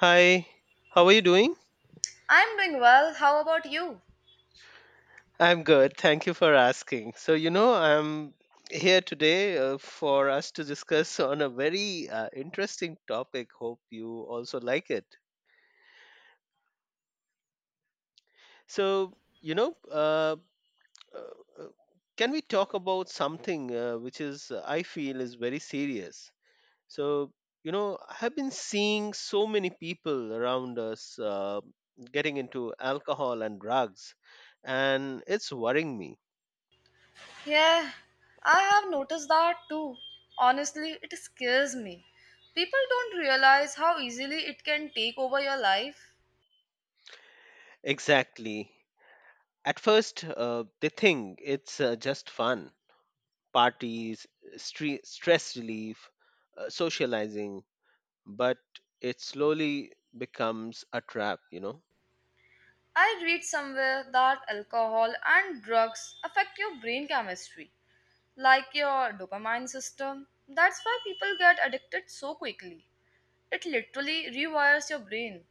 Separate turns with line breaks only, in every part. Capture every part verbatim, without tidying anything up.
Hi, how are you doing?
I'm doing well. How about you?
I'm good. Thank you for asking. So, you know, I'm here today uh, for us to discuss on a very uh, interesting topic. Hope you also like it. So, you know, uh, uh, uh, can we talk about something uh, which is, uh, I feel, is very serious? So, you know, I have been seeing so many people around us uh, getting into alcohol and drugs, and it's worrying me.
Yeah, I have noticed that too. Honestly, it scares me. People don't realize how easily it can take over your life.
Exactly. At first, uh, they think it's uh, just fun parties, stre- stress relief, uh, socializing, but it slowly becomes a trap, you know?
I read somewhere that alcohol and drugs affect your brain chemistry, like your dopamine system. That's why people get addicted so quickly. It literally rewires your brain.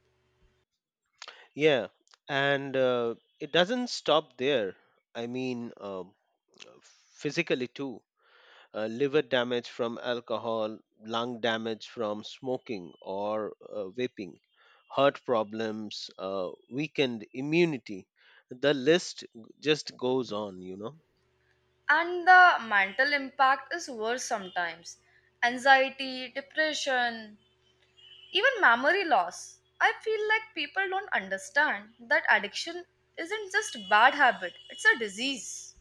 Yeah, and uh, it doesn't stop there. I mean, uh, physically too. uh, liver damage from alcohol, lung damage from smoking or uh, vaping, heart problems, uh, weakened immunity. The list just goes on, you know.
And the mental impact is worse sometimes. Anxiety, depression, even memory loss. I feel like people don't understand that addiction isn't just a bad habit, it's a disease.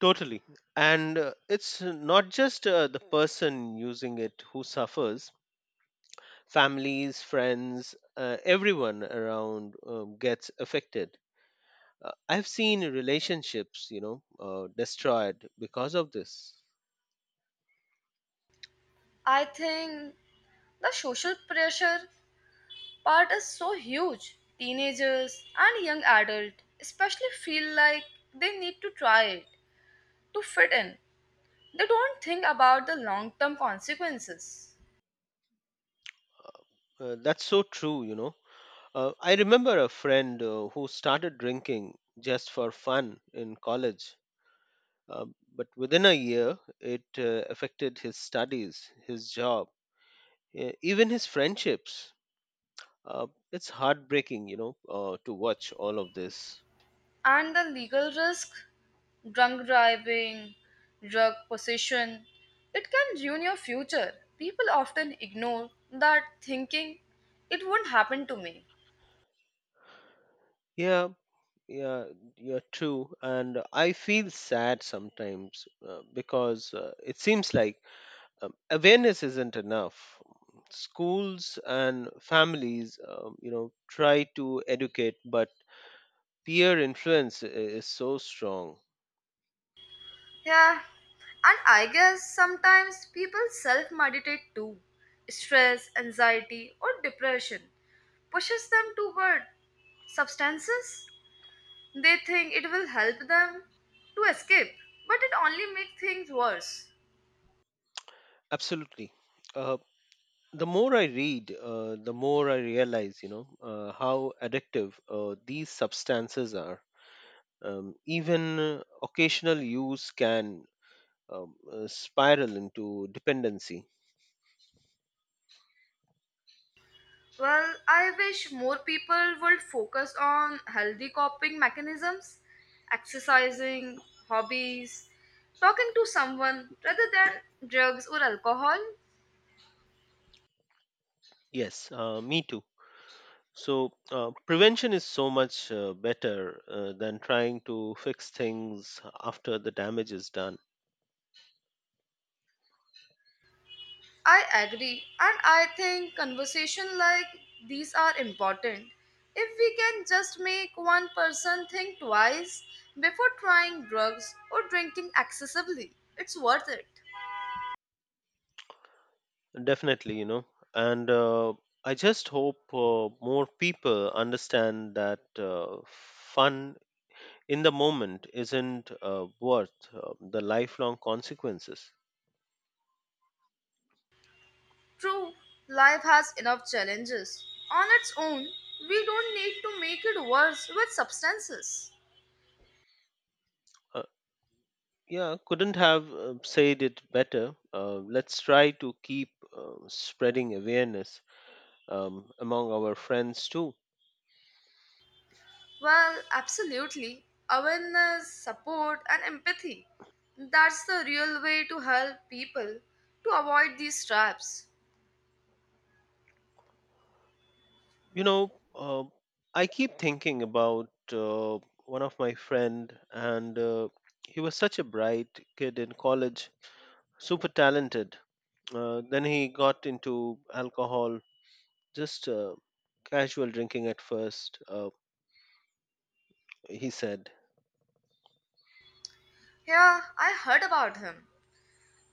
Totally. And uh, it's not just uh, the person using it who suffers, families, friends, uh, everyone around um, gets affected. Uh, I've seen relationships, you know, uh, destroyed because of this.
I think the social pressure part is so huge. Teenagers and young adults especially feel like they need to try it to fit in. They don't think about the long-term consequences.
Uh, that's so true, you know. Uh, I remember a friend uh, who started drinking just for fun in college, uh, but within a year, it uh, affected his studies, his job, e- even his friendships. Uh, it's heartbreaking, you know, uh, to watch all of this.
And the legal risk, drunk driving, drug possession, it can ruin your future. People often ignore that, thinking it won't happen to me.
Yeah, yeah, you're true, and I feel sad sometimes uh, because uh, it seems like um, awareness isn't enough. Schools and families um, you know try to educate, but peer influence i- is so strong.
Yeah, and I guess sometimes people self meditate too. Stress, anxiety, or depression pushes them toward substances. They think it will help them to escape, but it only makes things worse.
Absolutely. Uh, the more I read, uh, the more I realize, you know uh, how addictive uh, these substances are. Um, even uh, occasional use can um, uh, spiral into dependency.
Well, I wish more people would focus on healthy coping mechanisms, exercising, hobbies, talking to someone rather than drugs or alcohol.
Yes, uh, me too. So, uh, prevention is so much uh, better uh, than trying to fix things after the damage is done.
I agree, and I think conversation like these are important. If we can just make one person think twice before trying drugs or drinking excessively, it's worth it.
Definitely, you know. And uh, I just hope uh, more people understand that uh, fun in the moment isn't uh, worth uh, the lifelong consequences.
True, life has enough challenges. On its own, we don't need to make it worse with substances.
Uh, Yeah, couldn't have uh, said it better. Uh, let's try to keep uh, spreading awareness um, among our friends too.
Well, absolutely. Awareness, support, and empathy. That's the real way to help people to avoid these traps.
You know, uh, I keep thinking about uh, one of my friend, and uh, he was such a bright kid in college, super talented. Uh, then he got into alcohol, just uh, casual drinking at first. Uh, he said,
Yeah, I heard about him.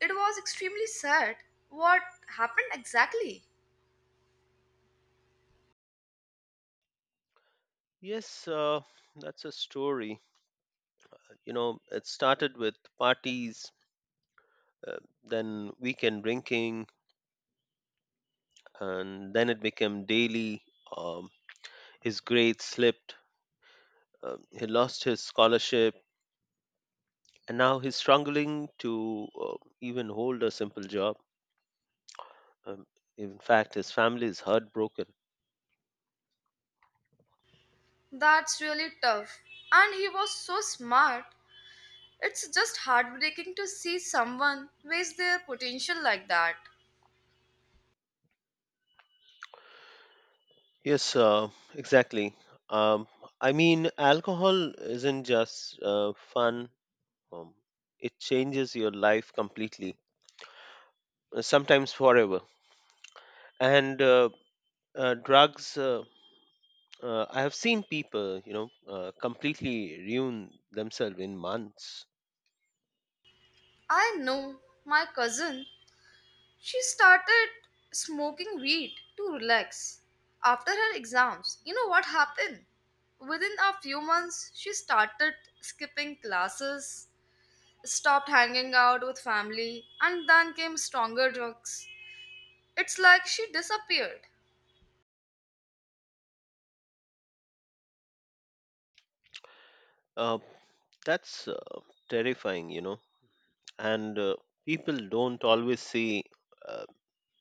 It was extremely sad. What happened exactly?
"Yes, uh, that's a story." You know, it started with parties, uh, then weekend drinking, and then it became daily. Um, his grades slipped, um, he lost his scholarship, and now he's struggling to uh, even hold a simple job. Um, in fact, his family is heartbroken.
That's really tough. And he was so smart. It's just heartbreaking to see someone waste their potential like that.
Yes, uh, exactly. Um, I mean, alcohol isn't just uh, fun, um, it changes your life completely, uh, sometimes forever. And uh, uh, drugs, uh, uh, I have seen people, you know uh, completely ruin themselves in months.
I know, my cousin, she started smoking weed to relax after her exams. You know what happened? Within a few months, she started skipping classes, stopped hanging out with family, and then came stronger drugs. It's like she disappeared.
uh, that's uh, terrifying you know And uh, people don't always see uh,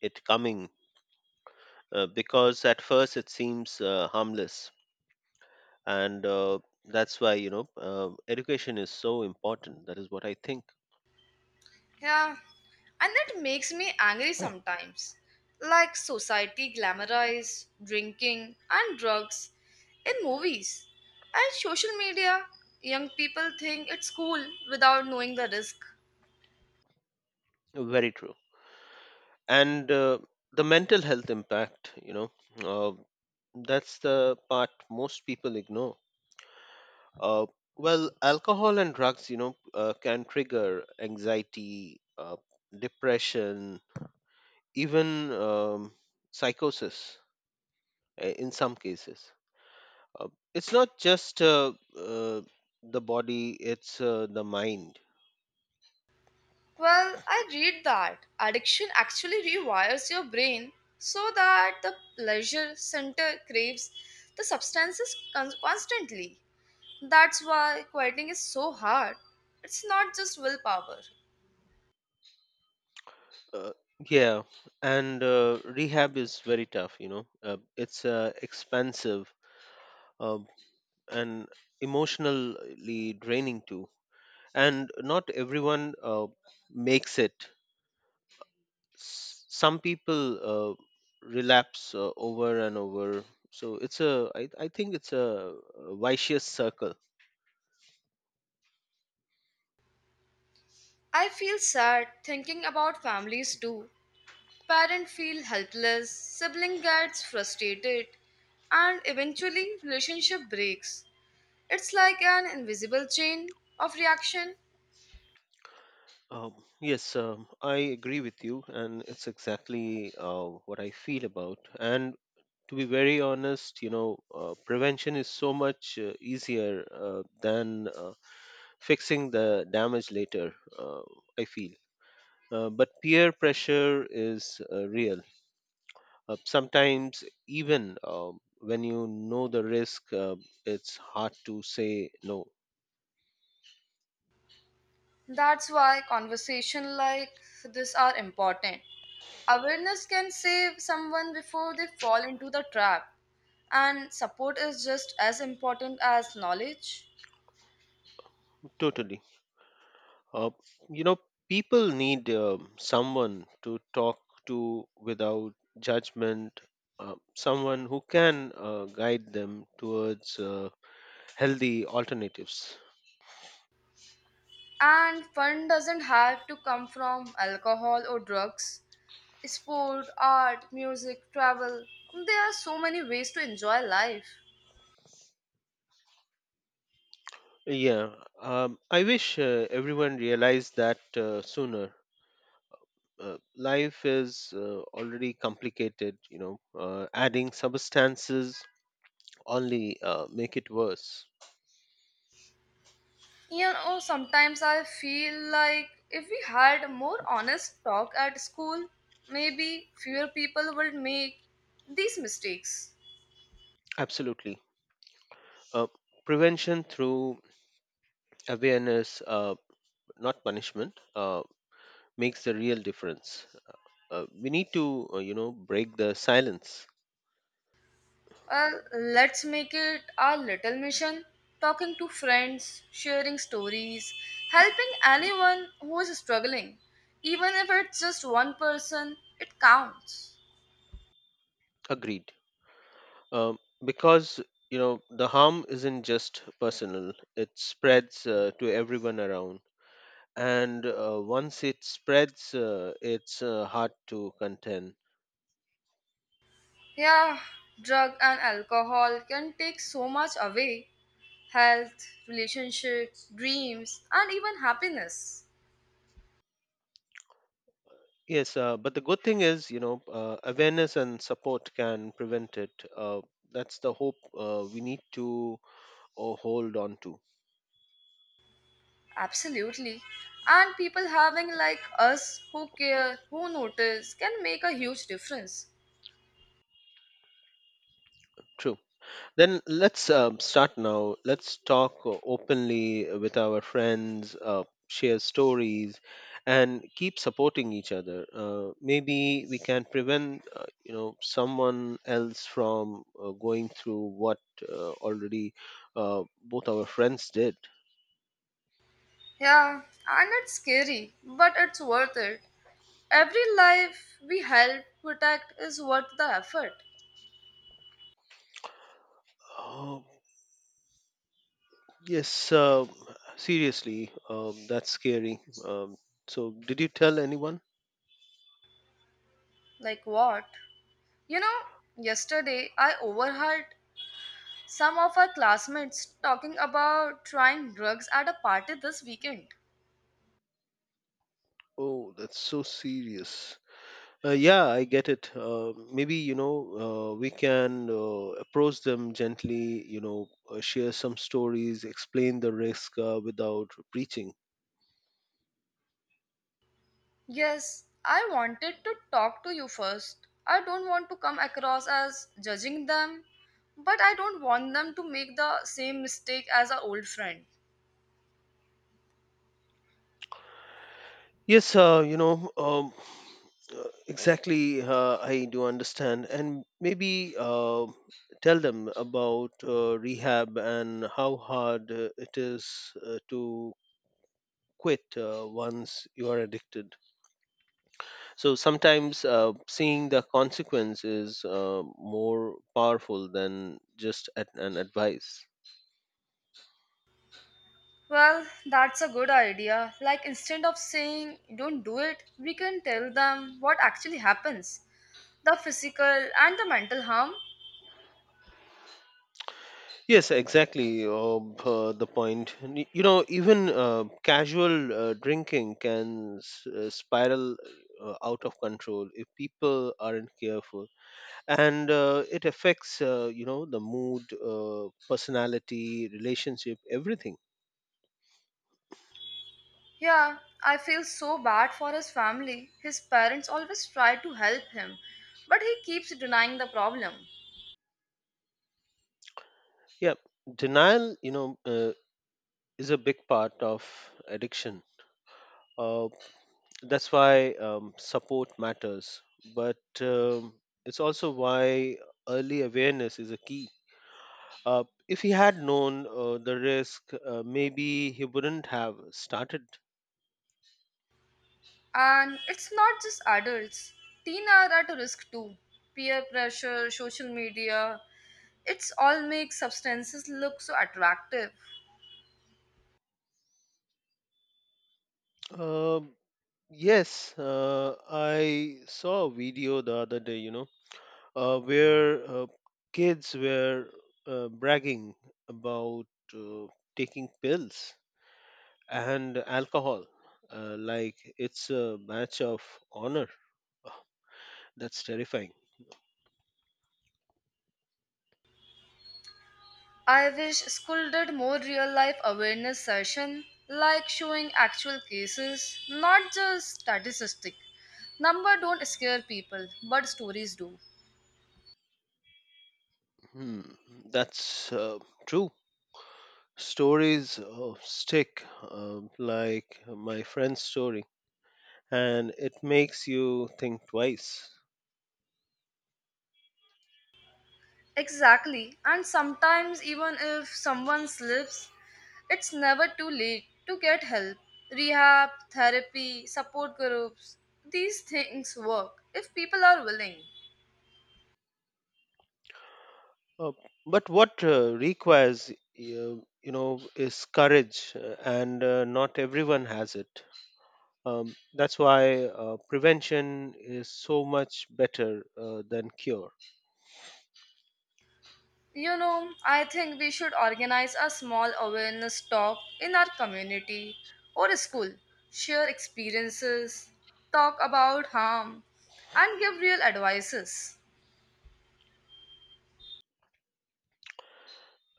it coming, uh, because at first it seems uh, harmless. And uh, that's why you know uh, education is so important. That is what I think.
Yeah, and that makes me angry sometimes. Like, society glamorizes drinking and drugs in movies and social media. Young people think it's cool without knowing the risk.
Oh, very true. And uh, the mental health impact, you know uh, that's the part most people ignore. Uh, well, alcohol and drugs, you know, uh, can trigger anxiety, uh, depression, even um, psychosis uh, in some cases. Uh, it's not just uh, uh, the body, it's uh, the mind.
Well, I read that addiction actually rewires your brain so that the pleasure center craves the substances con- constantly. That's why quieting is so hard. It's not just willpower.
Uh, yeah, and uh, rehab is very tough, you know, uh, it's uh, expensive um and emotionally draining too. And not everyone uh, makes it. S- some people uh, relapse uh, over and over, so it's a i, I think it's a, a vicious circle.
I feel sad thinking about families too. Parents feel helpless, sibling gets frustrated, and eventually relationship breaks. It's like an invisible chain of reaction.
Um, yes um, I agree with you, and it's exactly uh, what I feel about. And to be very honest, you know uh, prevention is so much uh, easier uh, than uh, fixing the damage later, uh, I feel. Uh, but peer pressure is uh, real. Uh, sometimes, even uh, when you know the risk, uh, it's hard to say no.
That's why conversation like this are important. Awareness can save someone before they fall into the trap, and support is just as important as knowledge.
Totally. Uh, you know, people need um someone to talk to without judgment, uh, someone who can uh, guide them towards uh, healthy alternatives.
And fun doesn't have to come from alcohol or drugs. Sport, art, music, travel. There are so many ways to enjoy life.
Yeah, um, I wish uh, everyone realized that uh, sooner. Uh, life is uh, already complicated, you know. Uh, adding substances only uh, make it worse.
You know, sometimes I feel like if we had a more honest talk at school, maybe fewer people would make these mistakes.
Absolutely. Uh, prevention through awareness, uh, not punishment, uh, makes the real difference. Uh, we need to, uh, you know, break the silence.
Well, let's make it our little mission, talking to friends, sharing stories, helping anyone who is struggling. Even if it's just one person, it counts.
Agreed. Um because, you know, the harm isn't just personal, it spreads uh, to everyone around. And uh, once it spreads, uh, it's uh, hard to contain.
Yeah, drug and alcohol can take so much away: health, relationships, dreams, and even happiness.
Yes, uh, but the good thing is, you know, uh, awareness and support can prevent it. Uh, that's the hope uh, we need to uh, hold on to.
Absolutely. And people having like us who care, who notice, can make a huge difference.
True. Then let's um, start now. Let's talk uh, openly with our friends, uh, share stories, and keep supporting each other. Uh, maybe we can prevent, uh, you know, someone else from uh, going through what uh, already uh, both our friends did.
Yeah, and it's scary, but it's worth it. Every life we help protect is worth the effort.
Uh, Yes, uh, seriously, um, that's scary. Um, so, did you tell anyone?
Like what? You know, yesterday I overheard some of our classmates talking about trying drugs at a party this weekend.
Oh, that's so serious. Uh, yeah, I get it. Uh, maybe, you know, uh, we can uh, approach them gently, you know, uh, share some stories, explain the risk uh, without preaching.
Yes, I wanted to talk to you first. I don't want to come across as judging them, but I don't want them to make the same mistake as our old friend.
Yes, uh, you know, um, uh, exactly, uh, I do understand. And maybe uh, tell them about uh, rehab, and how hard uh, it is uh, to quit uh, once you are addicted. So sometimes uh, seeing the consequence is uh, more powerful than just at an advice.
Well, that's a good idea. Like, instead of saying don't do it, we can tell them what actually happens, the physical and the mental harm.
Yes, exactly. Uh, uh, the point. And You know, even uh, casual uh, drinking can s- uh, spiral uh, out of control if people aren't careful, and uh, it affects uh, you know the mood, uh, personality, relationship, everything.
Yeah, I feel so bad for his family. His parents always try to help him, but he keeps denying the problem.
Yeah, denial, You know, uh, is a big part of addiction. Uh, that's why um, support matters, but um, it's also why early awareness is a key. Uh, if he had known uh, the risk, uh, maybe he wouldn't have started.
And it's not just adults, teens are at risk too. Peer pressure, social media, it's all makes substances look so attractive.
Um yes, uh, I saw a video the other day, you know, uh, where uh, kids were uh, bragging about uh, taking pills and alcohol. Uh, like it's a match of honor. That's terrifying.
I wish school did more real life awareness session, like showing actual cases, not just statistic. Number don't scare people, but stories do.
Hmm, that's uh, true. Stories uh, stick, um, like my friend's story, and it makes you think twice.
Exactly. And sometimes, even if someone slips, it's never too late to get help. Rehab, therapy, support groups, these things work if people are willing.
Uh, but what uh, requires, you, you know, is courage, uh, and uh, not everyone has it. Um, that's why uh, prevention is so much better uh, than cure.
You know, I think we should organize a small awareness talk in our community or school, share experiences, talk about harm, and give real advices.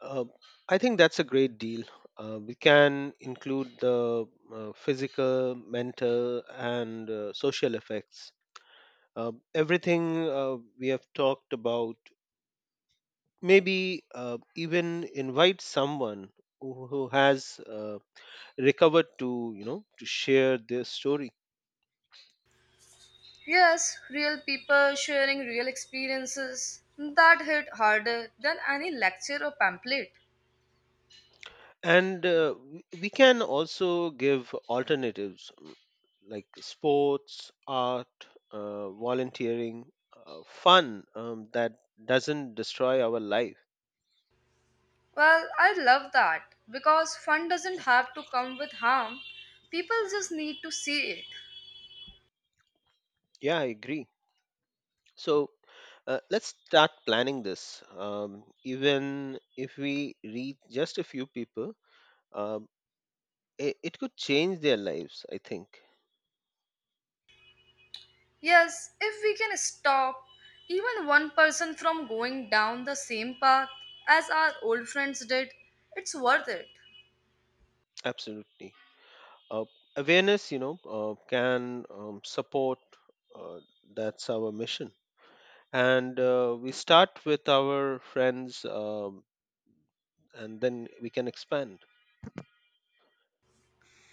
Uh, I think that's a great deal. Uh, we can include the uh, physical, mental, and uh, social effects. Uh, everything uh, we have talked about, maybe uh, even invite someone who, who has uh, recovered to, you know, to share their story.
Yes, real people sharing real experiences. That hit harder than any lecture or pamphlet.
And uh, we we can also give alternatives, mm, like sports, art, uh, volunteering, uh, fun, um, that doesn't destroy our life.
Well, I love that because fun doesn't have to come with harm. People just need to see it.
Yeah, I agree. So uh, let's start planning this. Um, even if we reach just a few people, um, it, it could change their lives, I think.
Yes, if we can stop even one person from going down the same path as our old friends did, it's worth it.
Absolutely. Uh, awareness, you know, uh, can um, support. Uh, that's our mission. And uh, we start with our friends, um, and then we can expand.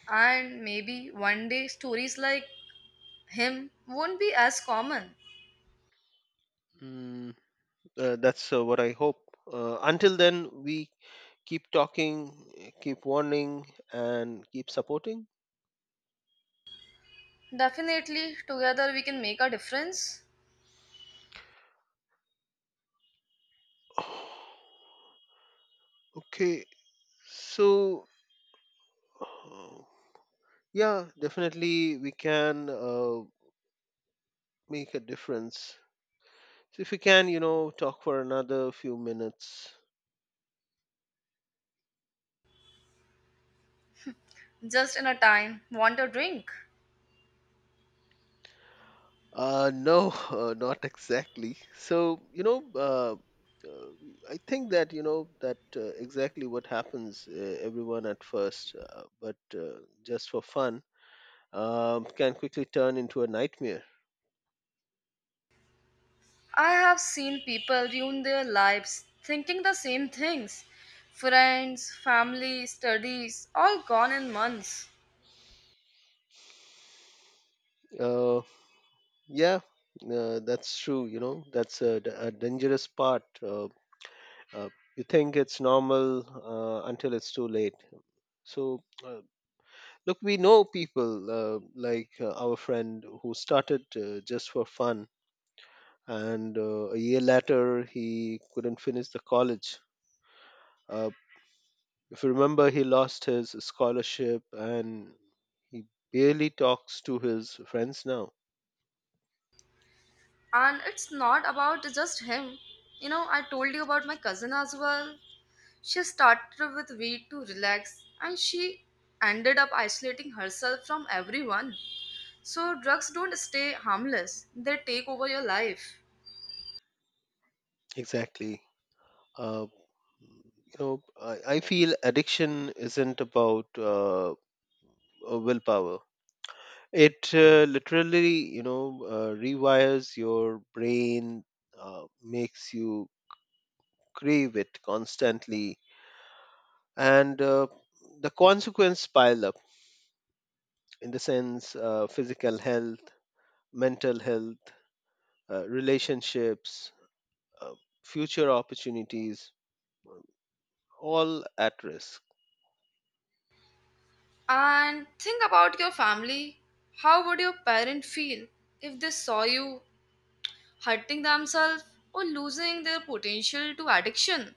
And maybe one day stories like him won't be as common.
Mm. Uh, that's uh, what I hope. Uh, until then, we keep talking, keep warning, and keep supporting.
Definitely, together we can make a difference.
Okay, so uh, yeah, definitely we can uh, make a difference. So if we can, you know, talk for another few minutes.
Just in a time, want a drink?
Uh, no, uh, not exactly. So you know, uh, uh, I think that you know that uh, exactly what happens uh, everyone at first, uh, but uh, just for fun um, can quickly turn into a nightmare.
I have seen people ruin their lives thinking the same things. Friends, family, studies, all gone in months.
Uh, yeah, uh, that's true. You know, that's a, d- a dangerous part. Uh, uh, you think it's normal uh, until it's too late. So, uh, look, we know people uh, like uh, our friend who started uh, just for fun, and uh, a year later he couldn't finish the college. Uh, if you remember, he lost his scholarship, and he barely talks to his friends now.
And it's not about just him. You know, I told you about my cousin as well. She started with weed to relax and she ended up isolating herself from everyone. So, drugs don't stay harmless, they take over your life.
Exactly. Uh, you know, I, I feel addiction isn't about uh, uh, willpower. It uh, literally, you know, uh, rewires your brain, uh, makes you crave it constantly, and uh, the consequences pile up in the sense uh, physical health, mental health, uh, relationships, uh, future opportunities, all at risk.
And think about your family. How would your parents feel if they saw you hurting themselves or losing their potential to addiction?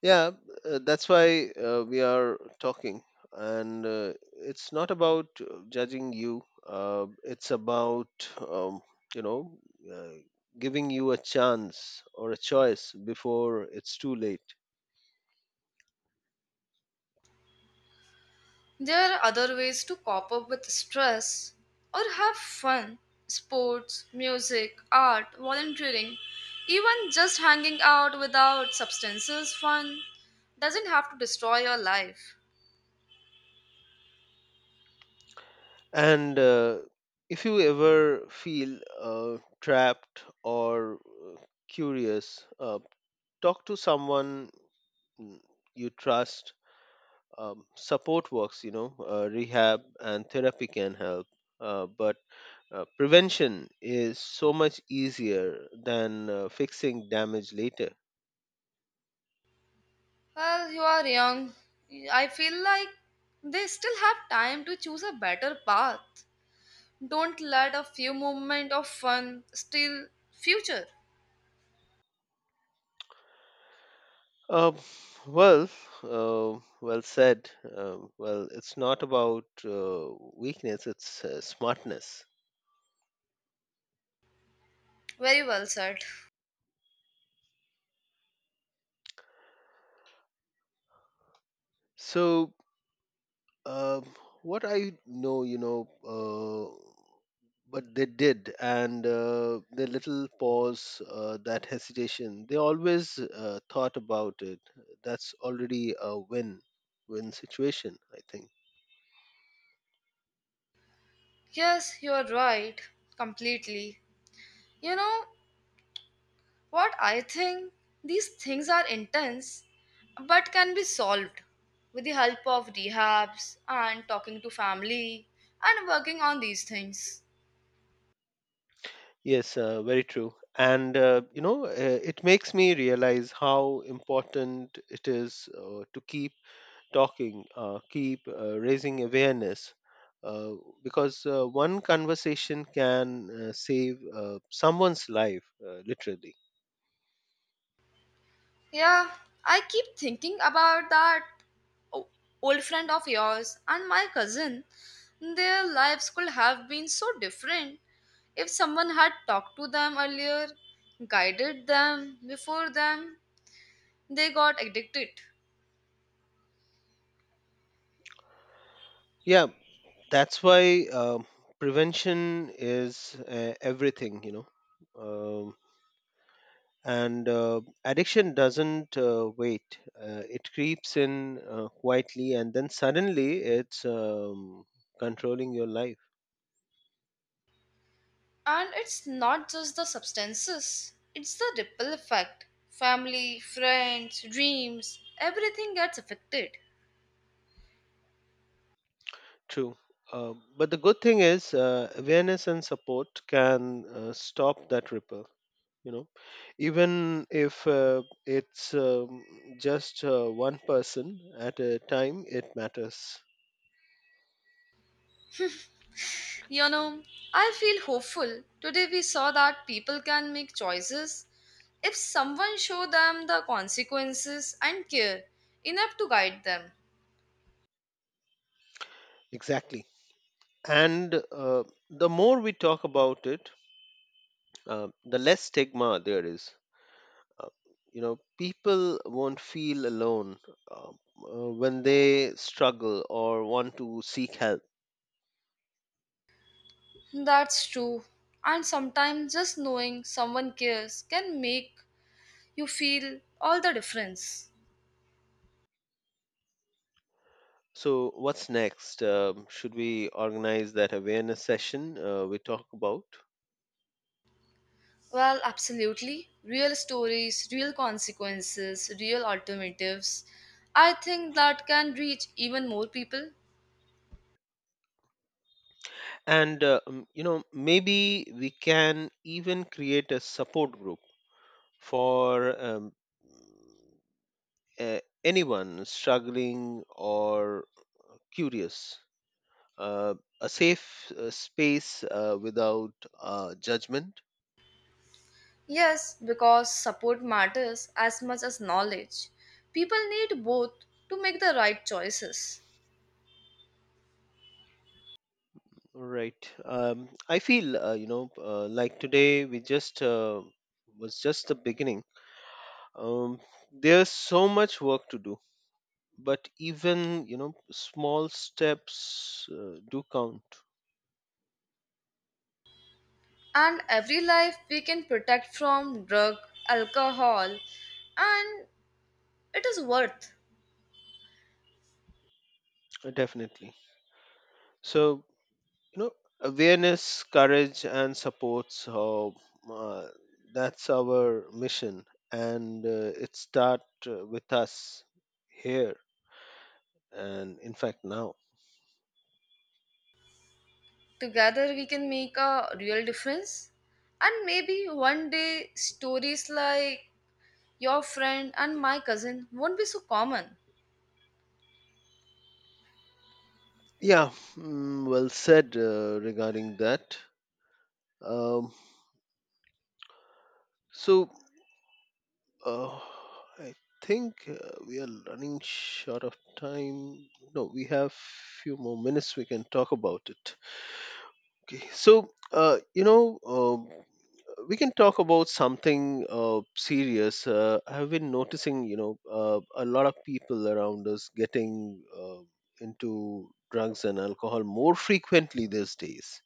Yeah, uh, that's why uh, we are talking. And uh, it's not about uh, judging you, uh, it's about, um, you know, uh, giving you a chance or a choice before it's too late.
There are other ways to cope up with stress or have fun. Sports, music, art, volunteering, even just hanging out without substances. Fun doesn't have to destroy your life.
And uh, if you ever feel uh, trapped or uh, curious, uh, talk to someone mm, you trust. Um, support works, you know, uh, rehab and therapy can help, uh, but uh, prevention is so much easier than uh, fixing damage later.
Well, you are young. I feel like they still have time to choose a better path. Don't let a few moment of fun steal future.
uh, well, uh, well said. Uh, well, it's not about uh, weakness, it's uh, smartness.
Very well said.
so Um, what I know, you know, uh, but they did, and uh, the little pause, uh, that hesitation, they always uh, thought about it. That's already a win win situation, I think.
Yes, you're right. Completely. You know what I think? These things are intense but can be solved with the help of rehabs and talking to family and working on these things.
Yes, uh, very true. And, uh, you know, uh, it makes me realize how important it is uh, to keep talking, uh, keep uh, raising awareness, uh, because uh, one conversation can uh, save uh, someone's life, uh, literally.
Yeah, I keep thinking about that o- old friend of yours and my cousin. Their lives could have been so different if someone had talked to them earlier, guided them before them they got addicted.
Yeah, that's why um prevention is uh, everything, you know. Um, and uh, Addiction doesn't uh, wait, uh, it creeps in uh, quietly, and then suddenly it's um, controlling your life.
And it's not just the substances, it's the ripple effect. Family, friends, dreams, everything gets affected.
True. Uh, but the good thing is, uh, awareness and support can uh, stop that ripple. You know, even if uh, it's um, just uh, one person at a time, it matters.
You know, I feel hopeful. Today we saw that people can make choices if someone show them the consequences and care enough to guide them.
Exactly. And uh, the more we talk about it, uh, the less stigma there is. Uh, you know, people won't feel alone uh, uh, when they struggle or want to seek help.
That's true. And sometimes just knowing someone cares can make you feel all the difference.
So, what's next? Um, should we organize that awareness session uh, we talk about?
Well, absolutely. Real stories, real consequences, real alternatives. I think that can reach even more people.
And, uh, um, you know, maybe we can even create a support group for um, uh, anyone struggling or curious. Uh, a safe uh, space uh, without uh, judgment.
Yes, because support matters as much as knowledge. People need both to make the right choices.
Right. Um, I feel, uh, you know, uh, like today we just uh, was just the beginning. um, there's so much work to do, but even, you know, small steps uh, do count.
And every life we can protect from drug, alcohol, and it is worth.
Uh, definitely. So, you know, awareness, courage and support. So uh, that's our mission, and uh, it start uh, with us, here, and in fact now.
Together we can make a real difference. And maybe one day stories like your friend and my cousin won't be so common.
Yeah. Mm, well said uh, regarding that. um, so Uh, I think uh, we are running short of time. No, we have few more minutes. We can talk about it. Okay, so uh, you know, um, we can talk about something uh, serious. Uh, I have been noticing, you know, uh, a lot of people around us getting uh, into drugs and alcohol more frequently these days.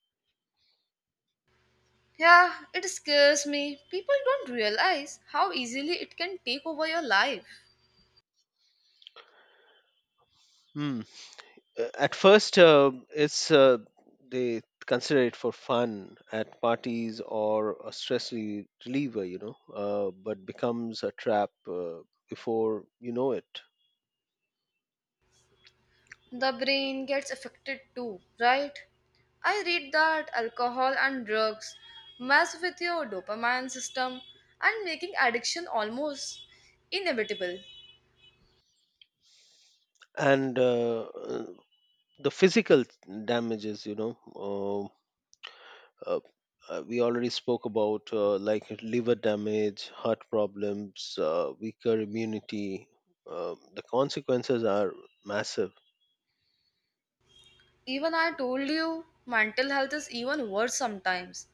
Yeah, it scares me. People don't realize how easily it can take over your life.
Hmm. Uh, at first, uh, it's uh, they consider it for fun at parties or a stress re- reliever, you know, uh, but becomes a trap uh, before you know it.
The brain gets affected too, right? I read that alcohol and drugs mess with your dopamine system and making addiction almost inevitable.
And uh, uh, the physical damages, you know, uh, uh, uh, we already spoke about, uh, like liver damage, heart problems, uh, weaker immunity. Uh, the consequences are massive.
Even I told you, mental health is even worse sometimes.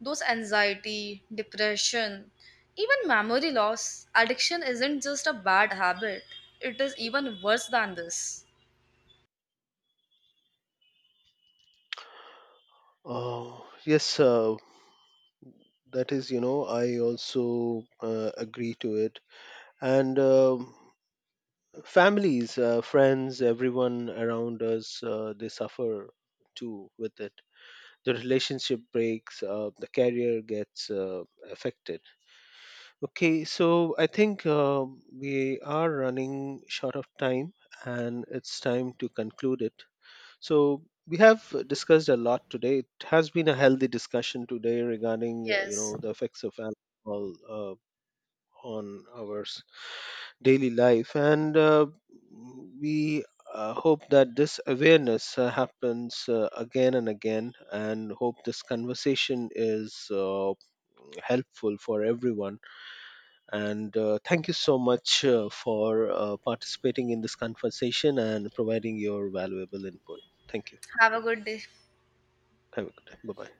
Those anxiety, depression, even memory loss, addiction isn't just a bad habit, it is even worse than this.
Oh, yes, uh, that is, you know, I also uh, agree to it. And um families, uh, friends, everyone around us, uh, they suffer too with it. The relationship breaks, uh, the career gets uh, affected. Okay, so I think uh, we are running short of time and it's time to conclude it. So we have discussed a lot today. It has been a healthy discussion today regarding, uh, you
Yes,
know, the effects of alcohol Uh, on our s- daily life. And uh, we uh, hope that this awareness uh, happens uh, again and again, and hope this conversation is uh, helpful for everyone. And uh, thank you so much uh, for uh, participating in this conversation and providing your valuable input. Thank you.
have a good day.
Have a good day. Bye bye.